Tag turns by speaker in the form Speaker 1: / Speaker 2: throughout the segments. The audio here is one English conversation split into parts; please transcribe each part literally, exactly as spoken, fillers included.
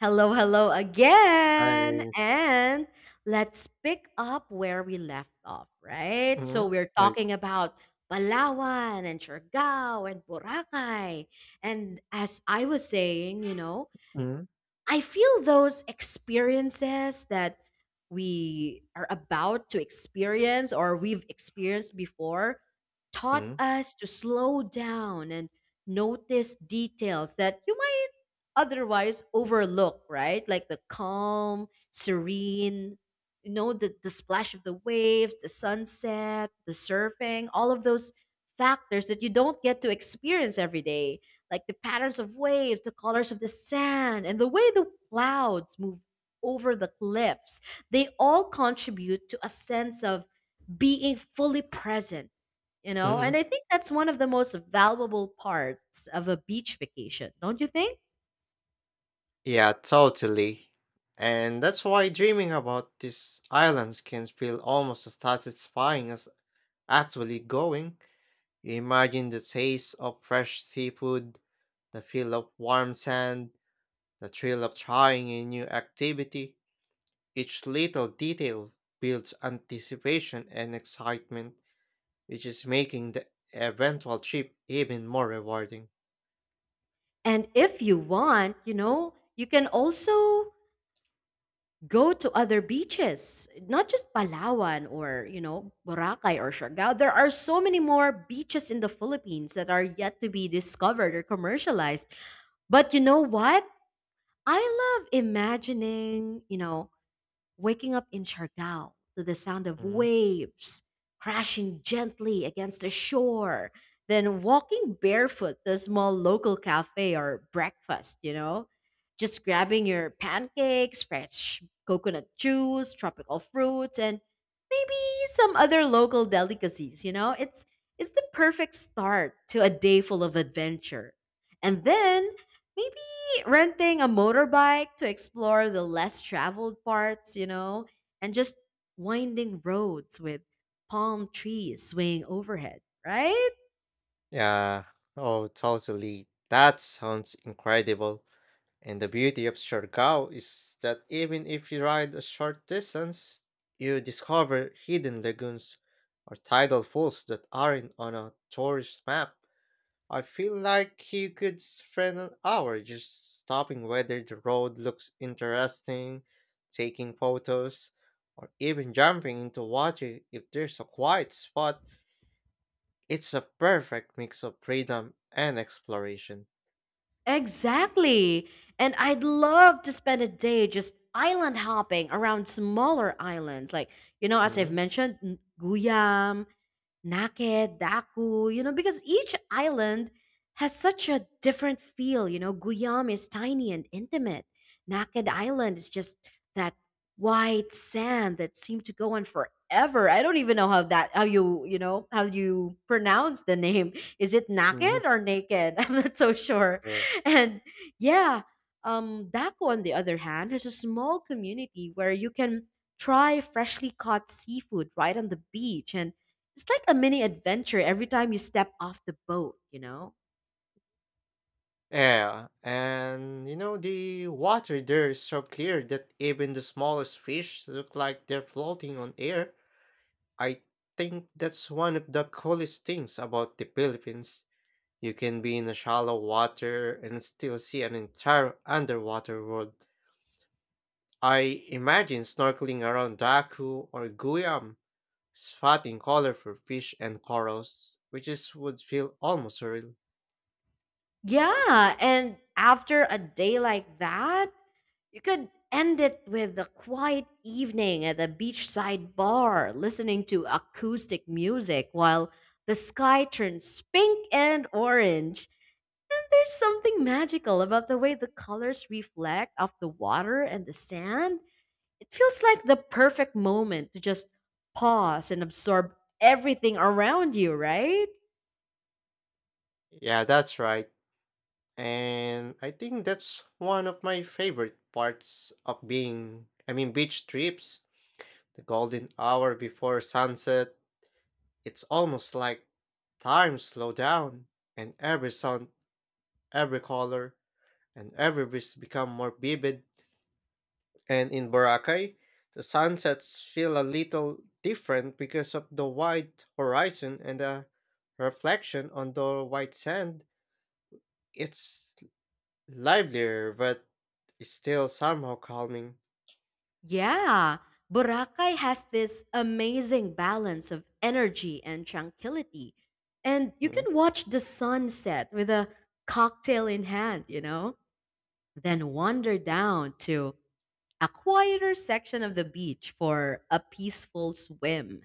Speaker 1: Hello, hello again.
Speaker 2: I
Speaker 1: And let's pick up where we left off, right? So
Speaker 2: Mhm.
Speaker 1: we're
Speaker 2: Right.
Speaker 1: talking about Palawan and Siargao and Boracay. And as I was saying, you know,
Speaker 2: Mhm.
Speaker 1: I feel those experiences that we are about to experience or we've experienced before taught
Speaker 2: Mhm.
Speaker 1: us to slow down and notice details that you otherwise overlook, right? Like the calm, serene, you know, the, the splash of the waves, the sunset, the surfing, all of those factors that you don't get to experience every day, like the patterns of waves, the colors of the sand, and the way the clouds move over the cliffs. They all contribute to a sense of being fully present. You know, and
Speaker 2: Mhm.
Speaker 1: I think that's one of the most valuable parts of a beach vacation, don't you think?
Speaker 2: Yeah, totally. And that's why dreaming about these islands can feel almost as satisfying as actually going. You imagine the taste of fresh seafood, the feel of warm sand, the thrill of trying a new activity. Each little detail builds anticipation and excitement, which is making the eventual trip even more rewarding.
Speaker 1: And if you want, you know, you can also go to other beaches, not just Palawan or, you know, Boracay or Siargao. There are so many more beaches in the Philippines that are yet to be discovered or commercialized. But you know what? I love imagining, you know, Waking up in Siargao to the sound of
Speaker 2: Mhm.
Speaker 1: waves crashing gently against the shore, then walking barefoot to a small local cafe or breakfast, you know, just grabbing your pancakes, fresh coconut juice, tropical fruits, and maybe some other local delicacies, you know? It's it's the perfect start to a day full of adventure. And then maybe renting a motorbike to explore the less traveled parts, you know, and just winding roads with palm trees swaying overhead, right?
Speaker 2: Yeah. Oh, totally. That sounds incredible. And the beauty of Siargao is that even if you ride a short distance, you discover hidden lagoons or tidal falls that aren't on a tourist map. I feel like you could spend an hour just stopping whether the road looks interesting, taking photos, or even jumping into water if there's a quiet spot. It's a perfect mix of freedom and exploration.
Speaker 1: Exactly. And I'd love to spend a day just island hopping around smaller islands, like, you know, as I've
Speaker 2: Mm-hmm.
Speaker 1: mentioned, N- Guyam, Naked, Daku, you know, because each island has such a different feel. You know, Guyam is tiny and intimate. Naked Island is just that white sand that seemed to go on forever. I don't even know how that, how you, you know, how you pronounce the name. Is it
Speaker 2: Mm-hmm.
Speaker 1: Naked or Naked? I'm not so sure.
Speaker 2: Yeah.
Speaker 1: And yeah, um, Daku, on the other hand, has a small community where you can try freshly caught seafood right on the beach and it's like a mini adventure every time you step off the boat, you know?
Speaker 2: Yeah, and you know, the water there is so clear that even the smallest fish look like they're floating on air. I think that's one of the coolest things about the Philippines. You can be in a shallow water and still see an entire underwater world. I imagine snorkeling around Daku or Guam, spotting colorful fish and corals, which is would feel almost surreal.
Speaker 1: Yeah, and after a day like that, you could end it with a quiet evening at a beachside bar, listening to acoustic music while the sky turns pink and orange. And there's something magical about the way the colors reflect off the water and the sand. It feels like the perfect moment to just pause and absorb everything around you, right?
Speaker 2: Yeah, that's right. And I think that's one of my favorite parts of being, I mean, beach trips. The golden hour before sunset, it's almost like time slow down and every sound, every color, and every breeze become more vivid. And in Boracay, the sunsets feel a little different because of the wide horizon and the reflection on the white sand. It's livelier but still somehow calming.
Speaker 1: Yeah, Boracay has this amazing balance of energy and tranquility. And you
Speaker 2: Mhm.
Speaker 1: can watch the sunset with a cocktail in hand, you know, then wander down to a quieter section of the beach for a peaceful swim.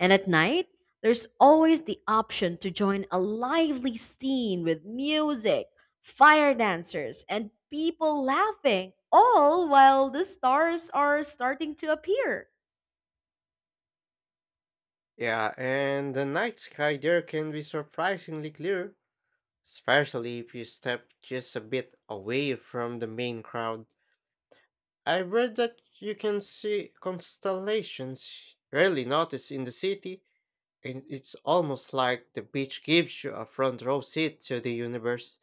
Speaker 1: And at night, there's always the option to join a lively scene with music, fire dancers, and people laughing, all while the stars are starting to appear.
Speaker 2: Yeah, and the night sky there can be surprisingly clear, especially if you step just a bit away from the main crowd. I read that you can see constellations rarely noticed in the city, and it's almost like the beach gives you a front row seat to the universe.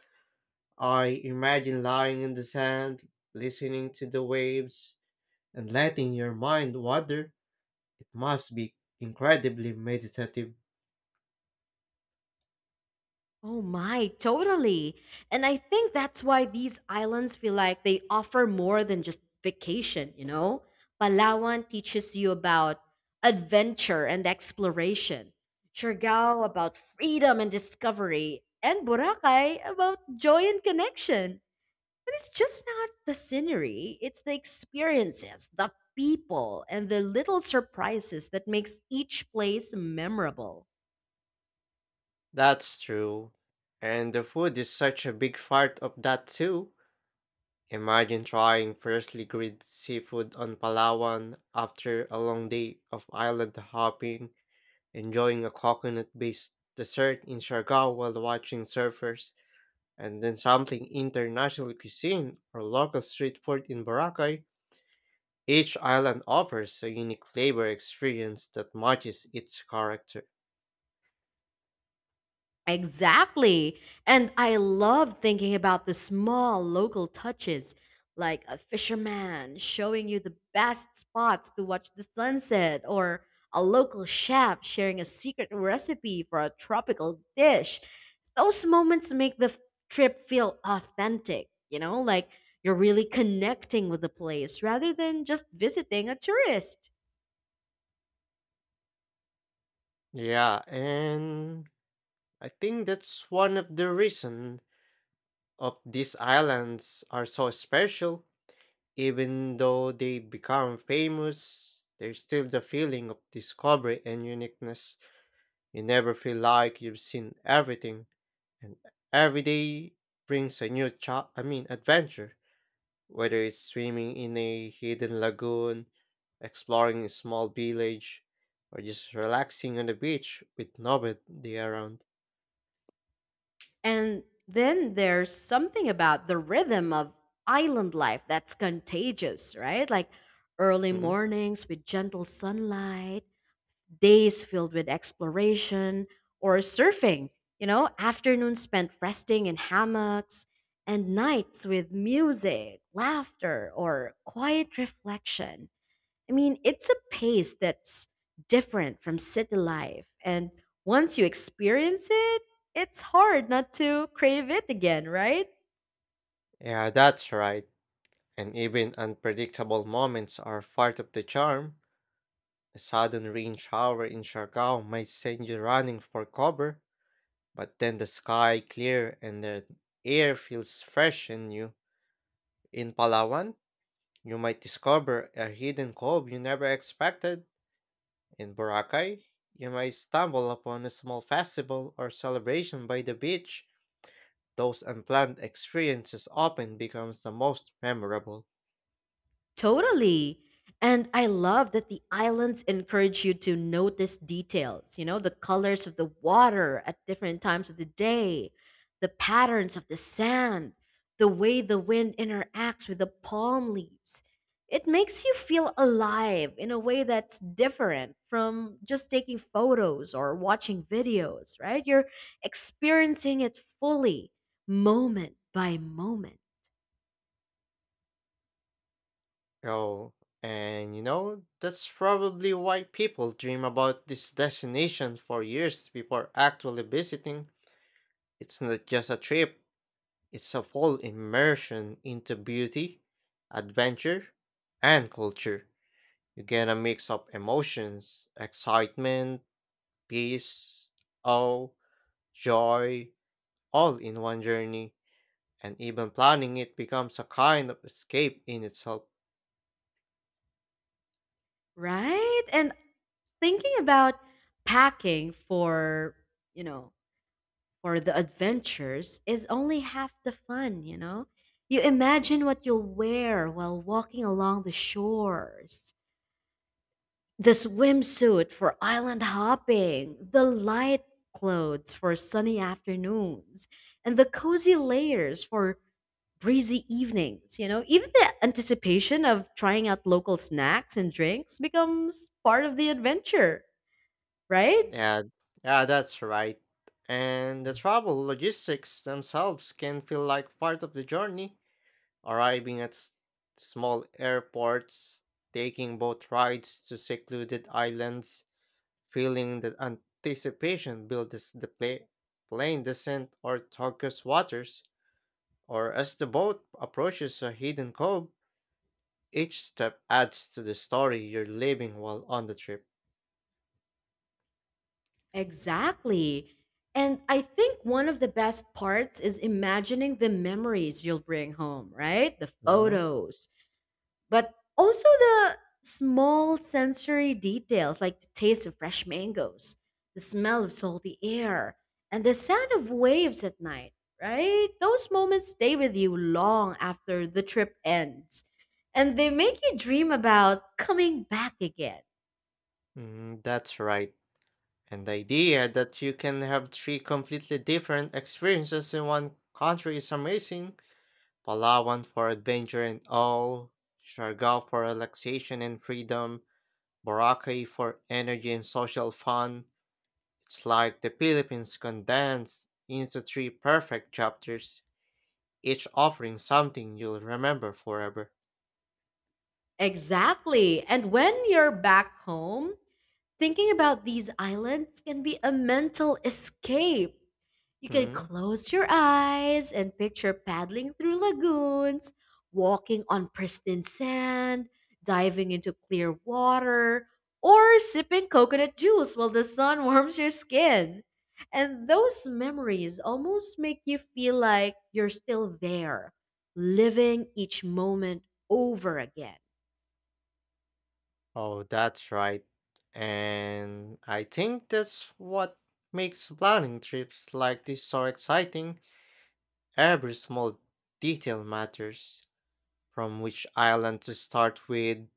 Speaker 2: I imagine lying in the sand, listening to the waves, and letting your mind wander. It must be incredibly meditative.
Speaker 1: Oh my, totally. And I think that's why these islands feel like they offer more than just vacation, you know? Palawan teaches you about adventure and exploration, Siargao about freedom and discovery, and Boracay about joy and connection. And it's just not the scenery, it's the experiences, the people, and the little surprises that makes each place memorable.
Speaker 2: That's true. And the food is such a big part of that too. Imagine trying freshly grilled seafood on Palawan after a long day of island hopping, enjoying a coconut-based dessert in Siargao while watching surfers, and then sampling international cuisine or local street food in Boracay. Each island offers a unique flavor experience that matches its character.
Speaker 1: Exactly. And I love thinking about the small local touches, like a fisherman showing you the best spots to watch the sunset, or a local chef sharing a secret recipe for a tropical dish. Those moments make the f- trip feel authentic, you know, like you're really connecting with the place rather than just visiting a tourist.
Speaker 2: Yeah, and I think that's one of the reason of these islands are so special. Even though they become famous, there's still the feeling of discovery and uniqueness. You never feel like you've seen everything, and every day brings a new cha- I mean adventure. Whether it's swimming in a hidden lagoon, exploring a small village, or just relaxing on the beach with nobody around.
Speaker 1: And then there's something about the rhythm of island life that's contagious, right? Like early
Speaker 2: Hmm?
Speaker 1: mornings with gentle sunlight, days filled with exploration or surfing, you know, afternoons spent resting in hammocks, and nights with music, laughter, or quiet reflection. I mean, it's a pace that's different from city life. And once you experience it, it's hard not to crave it again, right?
Speaker 2: Yeah, that's right. And even unpredictable moments are part of the charm. A sudden rain shower in Siargao might send you running for cover, but then the sky clear and the air feels fresh and new. In Palawan, you might discover a hidden cove you never expected. In Boracay, you may stumble upon a small festival or celebration by the beach. Those unplanned experiences often becomes the most memorable.
Speaker 1: Totally. And I love that the islands encourage you to notice details, you know, the colors of the water at different times of the day, the patterns of the sand, the way the wind interacts with the palm leaves. It makes you feel alive in a way that's different from just taking photos or watching videos, right? You're experiencing it fully, moment by moment,
Speaker 2: Oh, and you know, that's probably why people dream about this destination for years before actually visiting. It's not just a trip, it's a full immersion into beauty, adventure, and culture. You get a mix of emotions, excitement, peace, awe, joy, all in one journey, and even planning it becomes a kind of escape in itself.
Speaker 1: right? And thinking about packing for you know for the adventures is only half the fun you know You imagine what you'll wear while walking along the shores, the swimsuit for island hopping, the light clothes for sunny afternoons, and the cozy layers for breezy evenings you know Even the anticipation of trying out local snacks and drinks becomes part of the adventure, right?
Speaker 2: Yeah, yeah, that's right. And the travel logistics themselves can feel like part of the journey, arriving at s- small airports, taking boat rides to secluded islands, feeling the anticipation builds the pla- plane descent or turquoise waters, or as the boat approaches a hidden cove, each step adds to the story you're living while on the trip.
Speaker 1: Exactly. And I think one of the best parts is imagining the memories you'll bring home, right? The
Speaker 2: Mhm.
Speaker 1: photos, but also the small sensory details like the taste of fresh mangoes, the smell of salty air, and the sound of waves at night, right? Those moments stay with you long after the trip ends. And they make you dream about coming back again.
Speaker 2: Mm, that's right. And the idea that you can have three completely different experiences in one country is amazing. Palawan for adventure and awe, Siargao for relaxation and freedom, Boracay for energy and social fun. It's like the Philippines condensed into three perfect chapters, each offering something you'll remember forever.
Speaker 1: Exactly. And when you're back home, thinking about these islands can be a mental escape. You can
Speaker 2: Hmm?
Speaker 1: close your eyes and picture paddling through lagoons, walking on pristine sand, diving into clear water, or sipping coconut juice while the sun warms your skin. And those memories almost make you feel like you're still there, living each moment over again.
Speaker 2: Oh, that's right. And I think that's what makes planning trips like this so exciting. Every small detail matters, from which island to start with,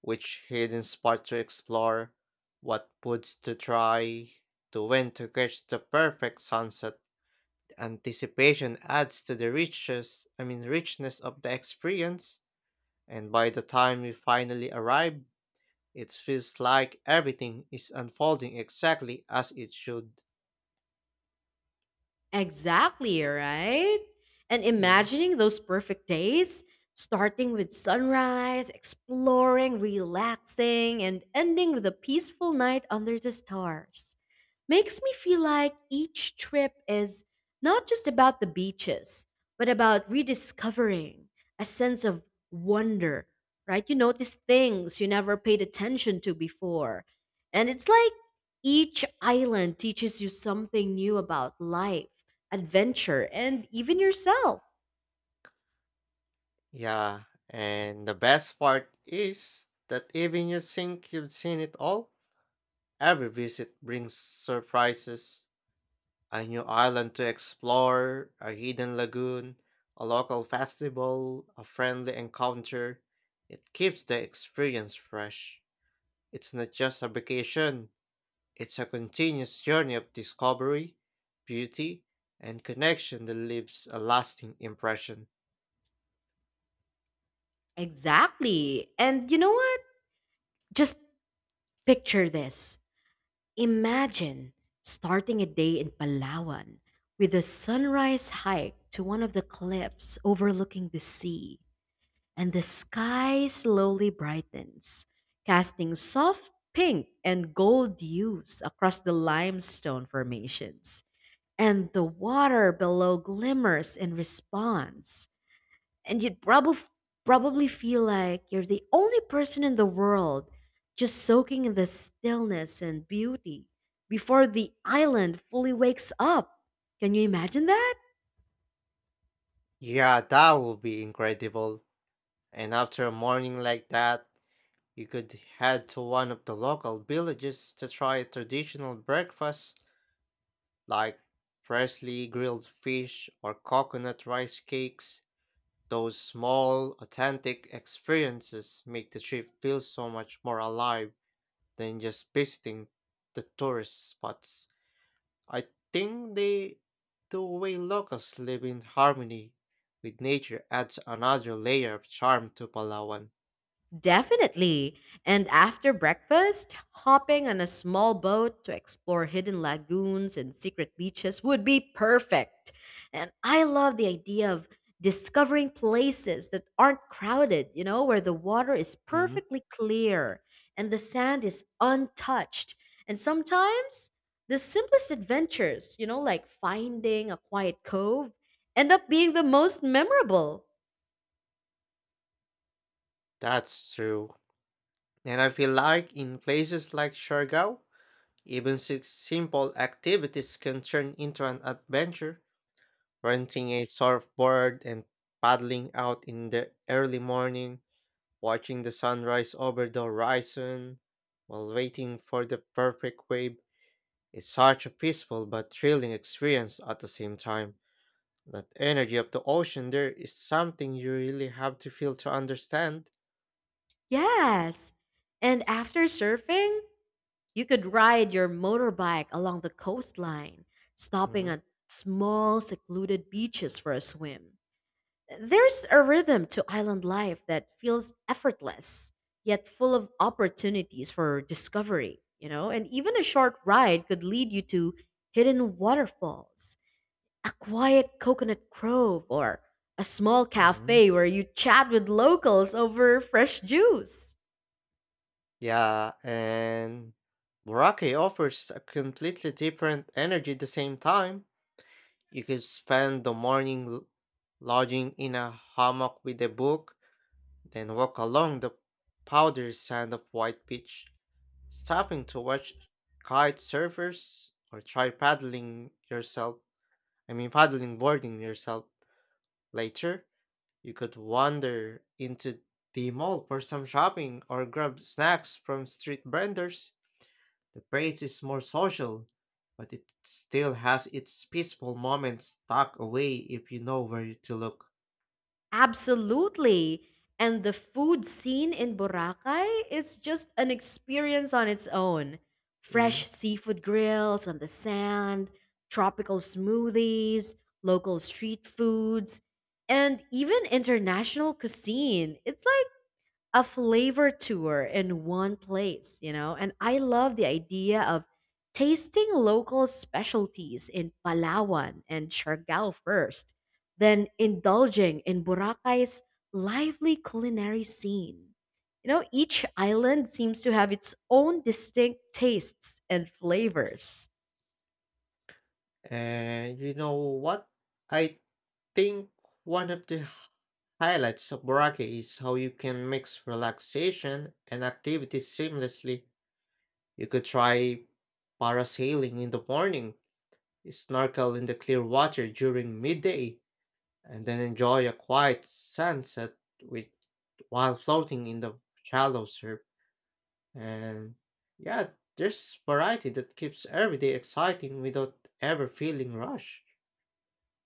Speaker 2: which hidden spot to explore, what foods to try, to when to catch the perfect sunset. Anticipation adds to the riches, I mean richness of the experience. And by the time we finally arrive, it feels like everything is unfolding exactly as it should.
Speaker 1: Exactly, right? And
Speaker 2: Mm.
Speaker 1: imagining those perfect days, starting with sunrise, exploring, relaxing, and ending with a peaceful night under the stars, makes me feel like each trip is not just about the beaches, but about rediscovering a sense of wonder, right? You notice things you never paid attention to before. And it's like each island teaches you something new about life, adventure, and even yourself.
Speaker 2: Yeah, and the best part is that even you think you've seen it all, every visit brings surprises. A new island to explore, a hidden lagoon, a local festival, a friendly encounter. It keeps the experience fresh. It's not just a vacation, it's a continuous journey of discovery, beauty, and connection that leaves a lasting impression.
Speaker 1: Exactly. And you know what? Just picture this. Imagine starting a day in Palawan with a sunrise hike to one of the cliffs overlooking the sea, and the sky slowly brightens, casting soft pink and gold hues across the limestone formations, and the water below glimmers in response and you'd probably probably feel like you're the only person in the world, just soaking in the stillness and beauty before the island fully wakes up. Can you imagine that?
Speaker 2: Yeah, that would be incredible. And after a morning like that, you could head to one of the local villages to try a traditional breakfast like freshly grilled fish or coconut rice cakes. Those small, authentic experiences make the trip feel so much more alive than just visiting the tourist spots. I think they, the way locals live in harmony with nature adds another layer of charm to Palawan.
Speaker 1: Definitely. And after breakfast, hopping on a small boat to explore hidden lagoons and secret beaches would be perfect. And I love the idea of discovering places that aren't crowded, you know, where the water is
Speaker 2: Mhm.
Speaker 1: perfectly clear and the sand is untouched. And sometimes the simplest adventures, you know, like finding a quiet cove, end up being the most memorable.
Speaker 2: That's true. And I feel like in places like Siargao, even si- simple activities can turn into an adventure. Renting a surfboard and paddling out in the early morning, watching the sunrise over the horizon while waiting for the perfect wave is such a peaceful but thrilling experience at the same time. That energy of the ocean there is something you really have to feel to understand.
Speaker 1: Yes. And after surfing, You could ride your motorbike along the coastline, stopping
Speaker 2: Mm-hmm.
Speaker 1: at small, secluded beaches for a swim. There's a rhythm to island life that feels effortless, yet full of opportunities for discovery, you know? And even a short ride could lead you to hidden waterfalls, a quiet coconut grove, or a small
Speaker 2: Mhm.
Speaker 1: cafe where you chat with locals over fresh juice.
Speaker 2: Yeah, and Boracay offers a completely different energy at the same time. You can spend the morning l- lodging in a hammock with a book, then walk along the powdered sand of white beach, stopping to watch kite surfers or try paddling yourself. I mean, paddling boarding yourself. Later, you could wander into the mall for some shopping or grab snacks from street vendors. The place is more social, but it still has its peaceful moments tucked away if you know where to look.
Speaker 1: Absolutely. And the food scene in Boracay is just an experience on its own. Fresh
Speaker 2: Mm.
Speaker 1: seafood grills on the sand, tropical smoothies, local street foods, and even international cuisine. It's like a flavor tour in one place, you know? And I love the idea of tasting local specialties in Palawan and Siargao first, then indulging in Boracay's lively culinary scene. You know, each island seems to have its own distinct tastes and flavors.
Speaker 2: And you know what? I think one of the highlights of Boracay is how you can mix relaxation and activity seamlessly. You could try parasailing in the morning, snorkel in the clear water during midday, and then enjoy a quiet sunset with while floating in the shallow surf. And yeah, there's variety that keeps every day exciting without ever feeling rushed.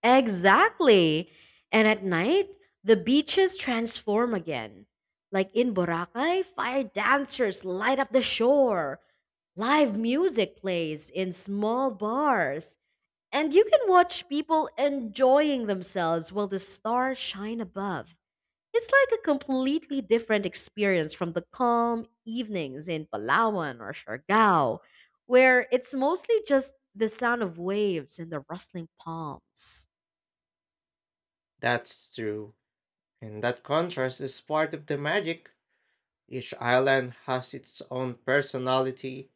Speaker 1: Exactly. And at night, the beaches transform again. Like in Boracay, fire dancers light up the shore. Live music plays in small bars. And you can watch people enjoying themselves while the stars shine above. It's like a completely different experience from the calm evenings in Palawan or Siargao, where it's mostly just the sound of waves and the rustling palms.
Speaker 2: That's true. And that contrast is part of the magic. Each island has its own personality,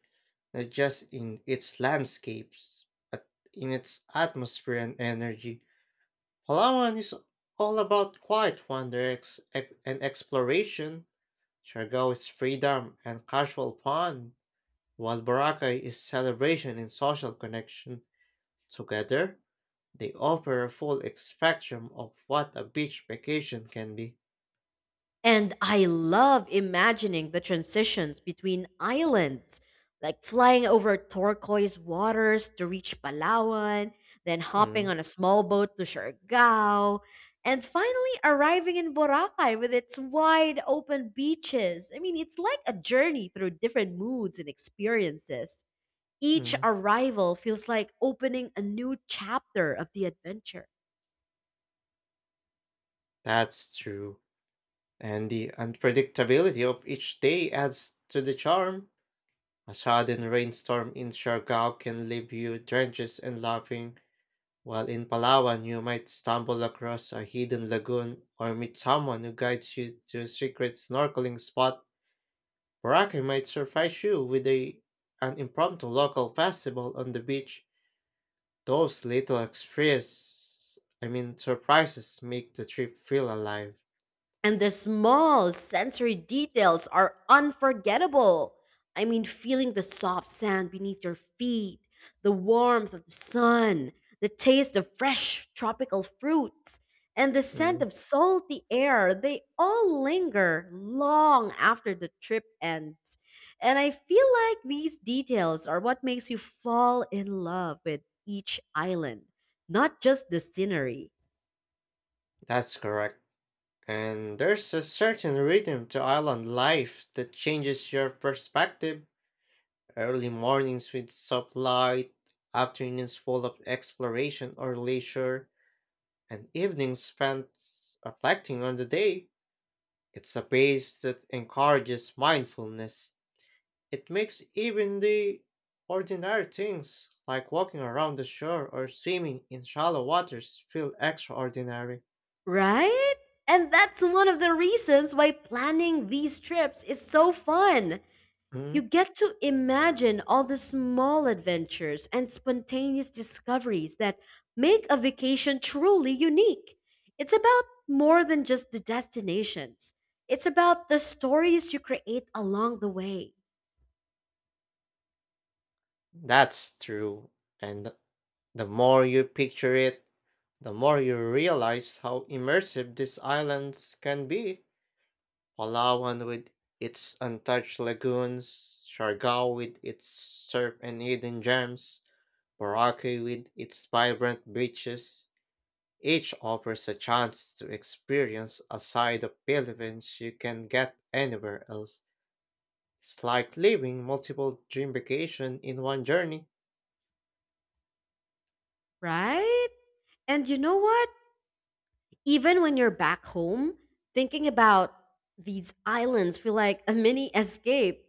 Speaker 2: not just in its landscapes, but in its atmosphere and energy. Palawan is all about quiet wonder ex- ex- and exploration. Siargao is freedom and casual fun, while Boracay is celebration and social connection. Together, they offer a full ex- spectrum of what a beach vacation can be.
Speaker 1: And I love imagining the transitions between islands, like flying over turquoise waters to reach Palawan, then hopping
Speaker 2: Mm,
Speaker 1: on a small boat to Siargao, and finally arriving in Boracay with its wide open beaches. I mean, it's like a journey through different moods and experiences. Each
Speaker 2: mm,
Speaker 1: arrival feels like opening a new chapter of the adventure.
Speaker 2: that's true. And the unpredictability of each day adds to the charm. A sudden rainstorm in Siargao can leave you drenched and laughing, while in Palawan you might stumble across a hidden lagoon or meet someone who guides you to a secret snorkeling spot. Boracay might surprise you with a, an impromptu local festival on the beach. Those little experiences, I mean surprises, make the trip feel alive.
Speaker 1: And the small sensory details are unforgettable. I mean, feeling the soft sand beneath your feet, the warmth of the sun, the taste of fresh tropical fruits, and the scent
Speaker 2: Mm,
Speaker 1: of salty air, they all linger long after the trip ends. And I feel like these details are what makes you fall in love with each island, not just the scenery.
Speaker 2: that's correct. And there's a certain rhythm to island life that changes your perspective. Early mornings with soft light, afternoons full of exploration or leisure, and evenings spent reflecting on the day. It's a pace that encourages mindfulness. It makes even the ordinary things, like walking around the shore or swimming in shallow waters, feel extraordinary.
Speaker 1: Right? And that's one of the reasons why planning these trips is so fun.
Speaker 2: Mm,
Speaker 1: You get to imagine all the small adventures and spontaneous discoveries that make a vacation truly unique. It's about more than just the destinations, it's about the stories you create along the way,
Speaker 2: that's true. And the more you picture it, the more you realize how immersive these islands can be. Palawan with its untouched lagoons, Siargao with its surf and hidden gems, Boracay with its vibrant beaches. Each offers a chance to experience a side of Philippines you can get anywhere else. It's like living multiple dream vacation in one journey.
Speaker 1: right? And you know what? Even when you're back home, thinking about these islands feel like a mini escape.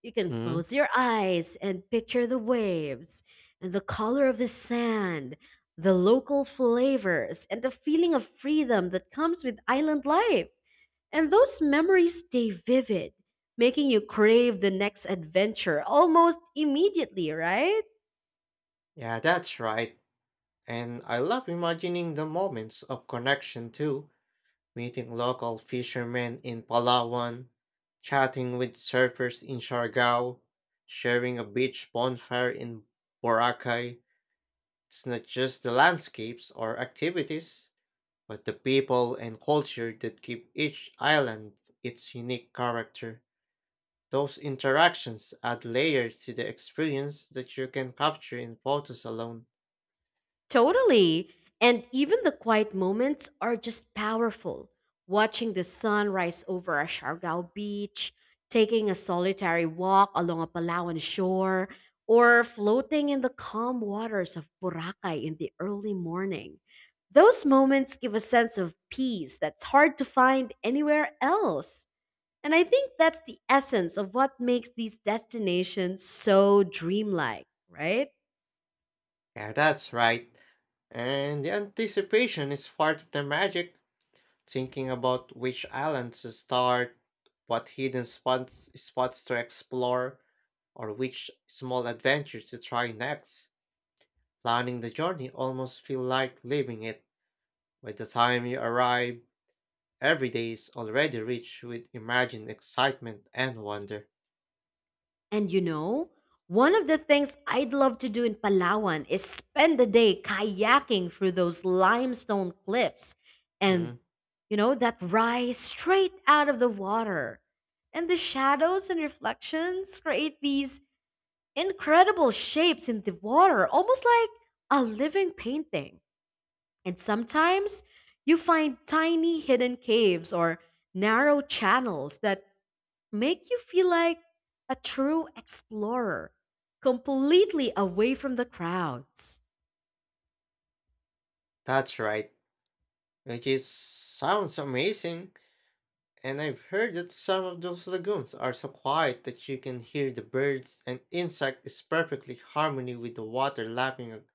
Speaker 1: You can
Speaker 2: Mm.
Speaker 1: close your eyes and picture the waves and the color of the sand, the local flavors, and the feeling of freedom that comes with island life. And those memories stay vivid, making you crave the next adventure almost immediately, right?
Speaker 2: Yeah, that's right. And I love imagining the moments of connection too, meeting local fishermen in Palawan, chatting with surfers in Siargao, sharing a beach bonfire in Boracay. It's not just the landscapes or activities, but the people and culture that give each island its unique character. Those interactions add layers to the experience that you can capture in photos alone.
Speaker 1: Totally. And even the quiet moments are just powerful. Watching the sun rise over a Siargao beach, taking a solitary walk along a Palawan shore, or floating in the calm waters of Boracay in the early morning. Those moments give a sense of peace that's hard to find anywhere else. And I think that's the essence of what makes these destinations so dreamlike, right?
Speaker 2: Yeah, that's right. And the anticipation is part of the magic. Thinking about which island to start, what hidden spots, spots to explore, or which small adventure to try next. Planning the journey almost feel like living it. By the time you arrive, every day is already rich with imagined excitement and wonder.
Speaker 1: And you know, one of the things I'd love to do in Palawan is spend the day kayaking through those limestone cliffs and,
Speaker 2: Mm,
Speaker 1: you know, that rise straight out of the water. And the shadows and reflections create these incredible shapes in the water, almost like a living painting. And sometimes you find tiny hidden caves or narrow channels that make you feel like a true explorer, completely away from the crowds.
Speaker 2: that's right, which is sounds amazing. And I've heard that some of those lagoons are so quiet that you can hear the birds and insect is perfectly harmony with the water lapping ag-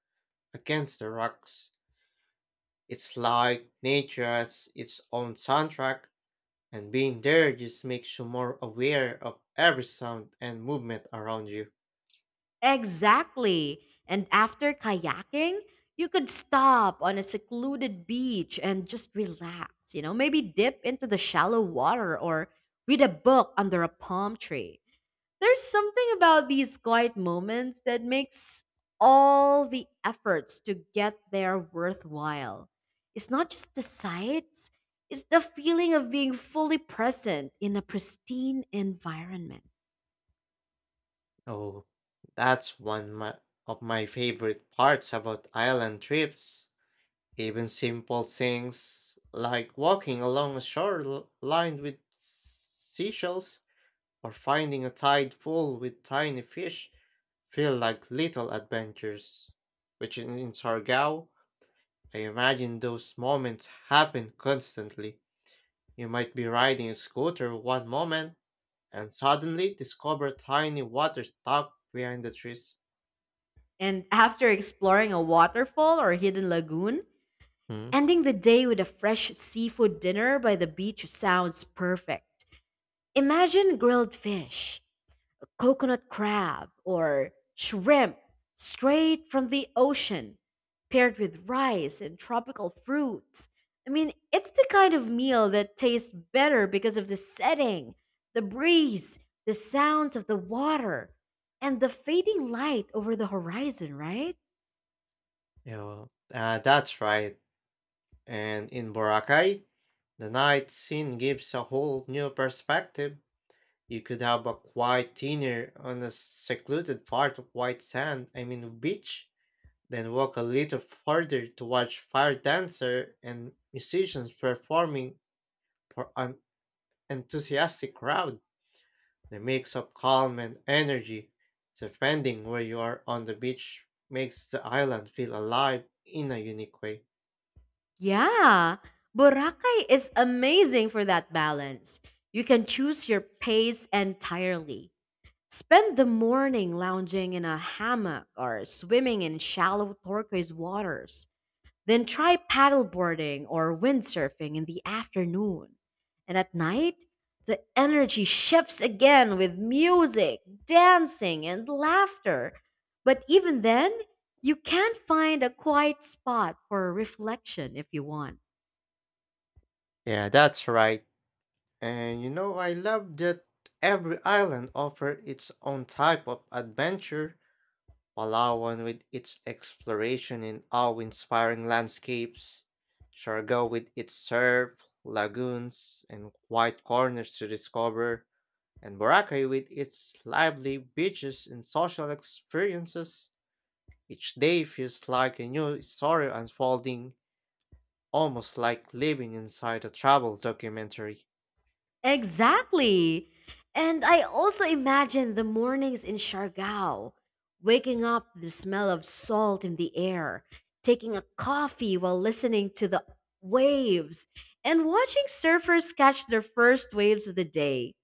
Speaker 2: against the rocks. It's like nature has its own soundtrack, and being there just makes you more aware of every sound and movement around you.
Speaker 1: Exactly. And after kayaking, you could stop on a secluded beach and just relax, you know, maybe dip into the shallow water or read a book under a palm tree. There's something about these quiet moments that makes all the efforts to get there worthwhile. It's not just the sights, it's the feeling of being fully present in a pristine environment.
Speaker 2: Oh, that's one my, of my favorite parts about island trips. Even simple things like walking along a shore l- lined with seashells or finding a tide full with tiny fish feel like little adventures. Which in, in Sargao, I imagine those moments happen constantly. You might be riding a scooter one moment and suddenly discover tiny water tucked behind the trees.
Speaker 1: And after exploring a waterfall or hidden lagoon,
Speaker 2: Hmm?
Speaker 1: ending the day with a fresh seafood dinner by the beach sounds perfect. Imagine grilled fish, coconut crab, or shrimp straight from the ocean, paired with rice and tropical fruits. I mean, it's the kind of meal that tastes better because of the setting, the breeze, the sounds of the water, and the fading light over the horizon, right?
Speaker 2: Yeah, well, uh, that's right. And in Boracay, the night scene gives a whole new perspective. You could have a quiet dinner on a secluded part of white sand, I mean beach, then walk a little further to watch fire dancer and musicians performing for an enthusiastic crowd. The mix of calm and energy, depending where you are on the beach, makes the island feel alive in a unique way.
Speaker 1: Yeah, Boracay is amazing for that balance. You can choose your pace entirely Spend the morning lounging in a hammock or swimming in shallow turquoise waters. Then try paddleboarding or windsurfing in the afternoon. And at night, the energy shifts again with music, dancing, and laughter. But even then, you can find a quiet spot for reflection if you want.
Speaker 2: Yeah, that's right. And you know, I love that every island offers its own type of adventure, Palawan with its exploration in awe-inspiring landscapes, Siargao with its surf, lagoons, and quiet corners to discover, and Boracay with its lively beaches and social experiences. Each day feels like a new story unfolding, almost like living inside a travel documentary.
Speaker 1: Exactly. And I also imagine the mornings in Siargao, waking up to the smell of salt in the air, taking a coffee while listening to the waves, and watching surfers catch their first waves of the day.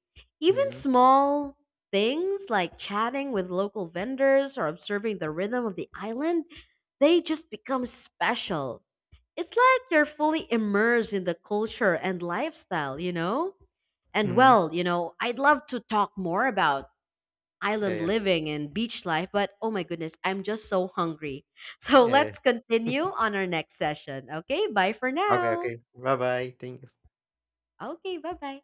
Speaker 1: Even
Speaker 2: Mm-hmm.
Speaker 1: small things like chatting with local vendors or observing the rhythm of the island, they just become special. It's like you're fully immersed in the culture and lifestyle, you know? And
Speaker 2: Mm-hmm.
Speaker 1: well, you know, I'd love to talk more about
Speaker 2: Yeah,
Speaker 1: island
Speaker 2: yeah,
Speaker 1: living and beach life, but oh my goodness, I'm just so hungry. So
Speaker 2: yeah, yeah.
Speaker 1: let's continue on our next session. Okay, bye for
Speaker 2: Oke
Speaker 1: now.
Speaker 2: oke. Bye bye. Thank
Speaker 1: Okay, bye bye.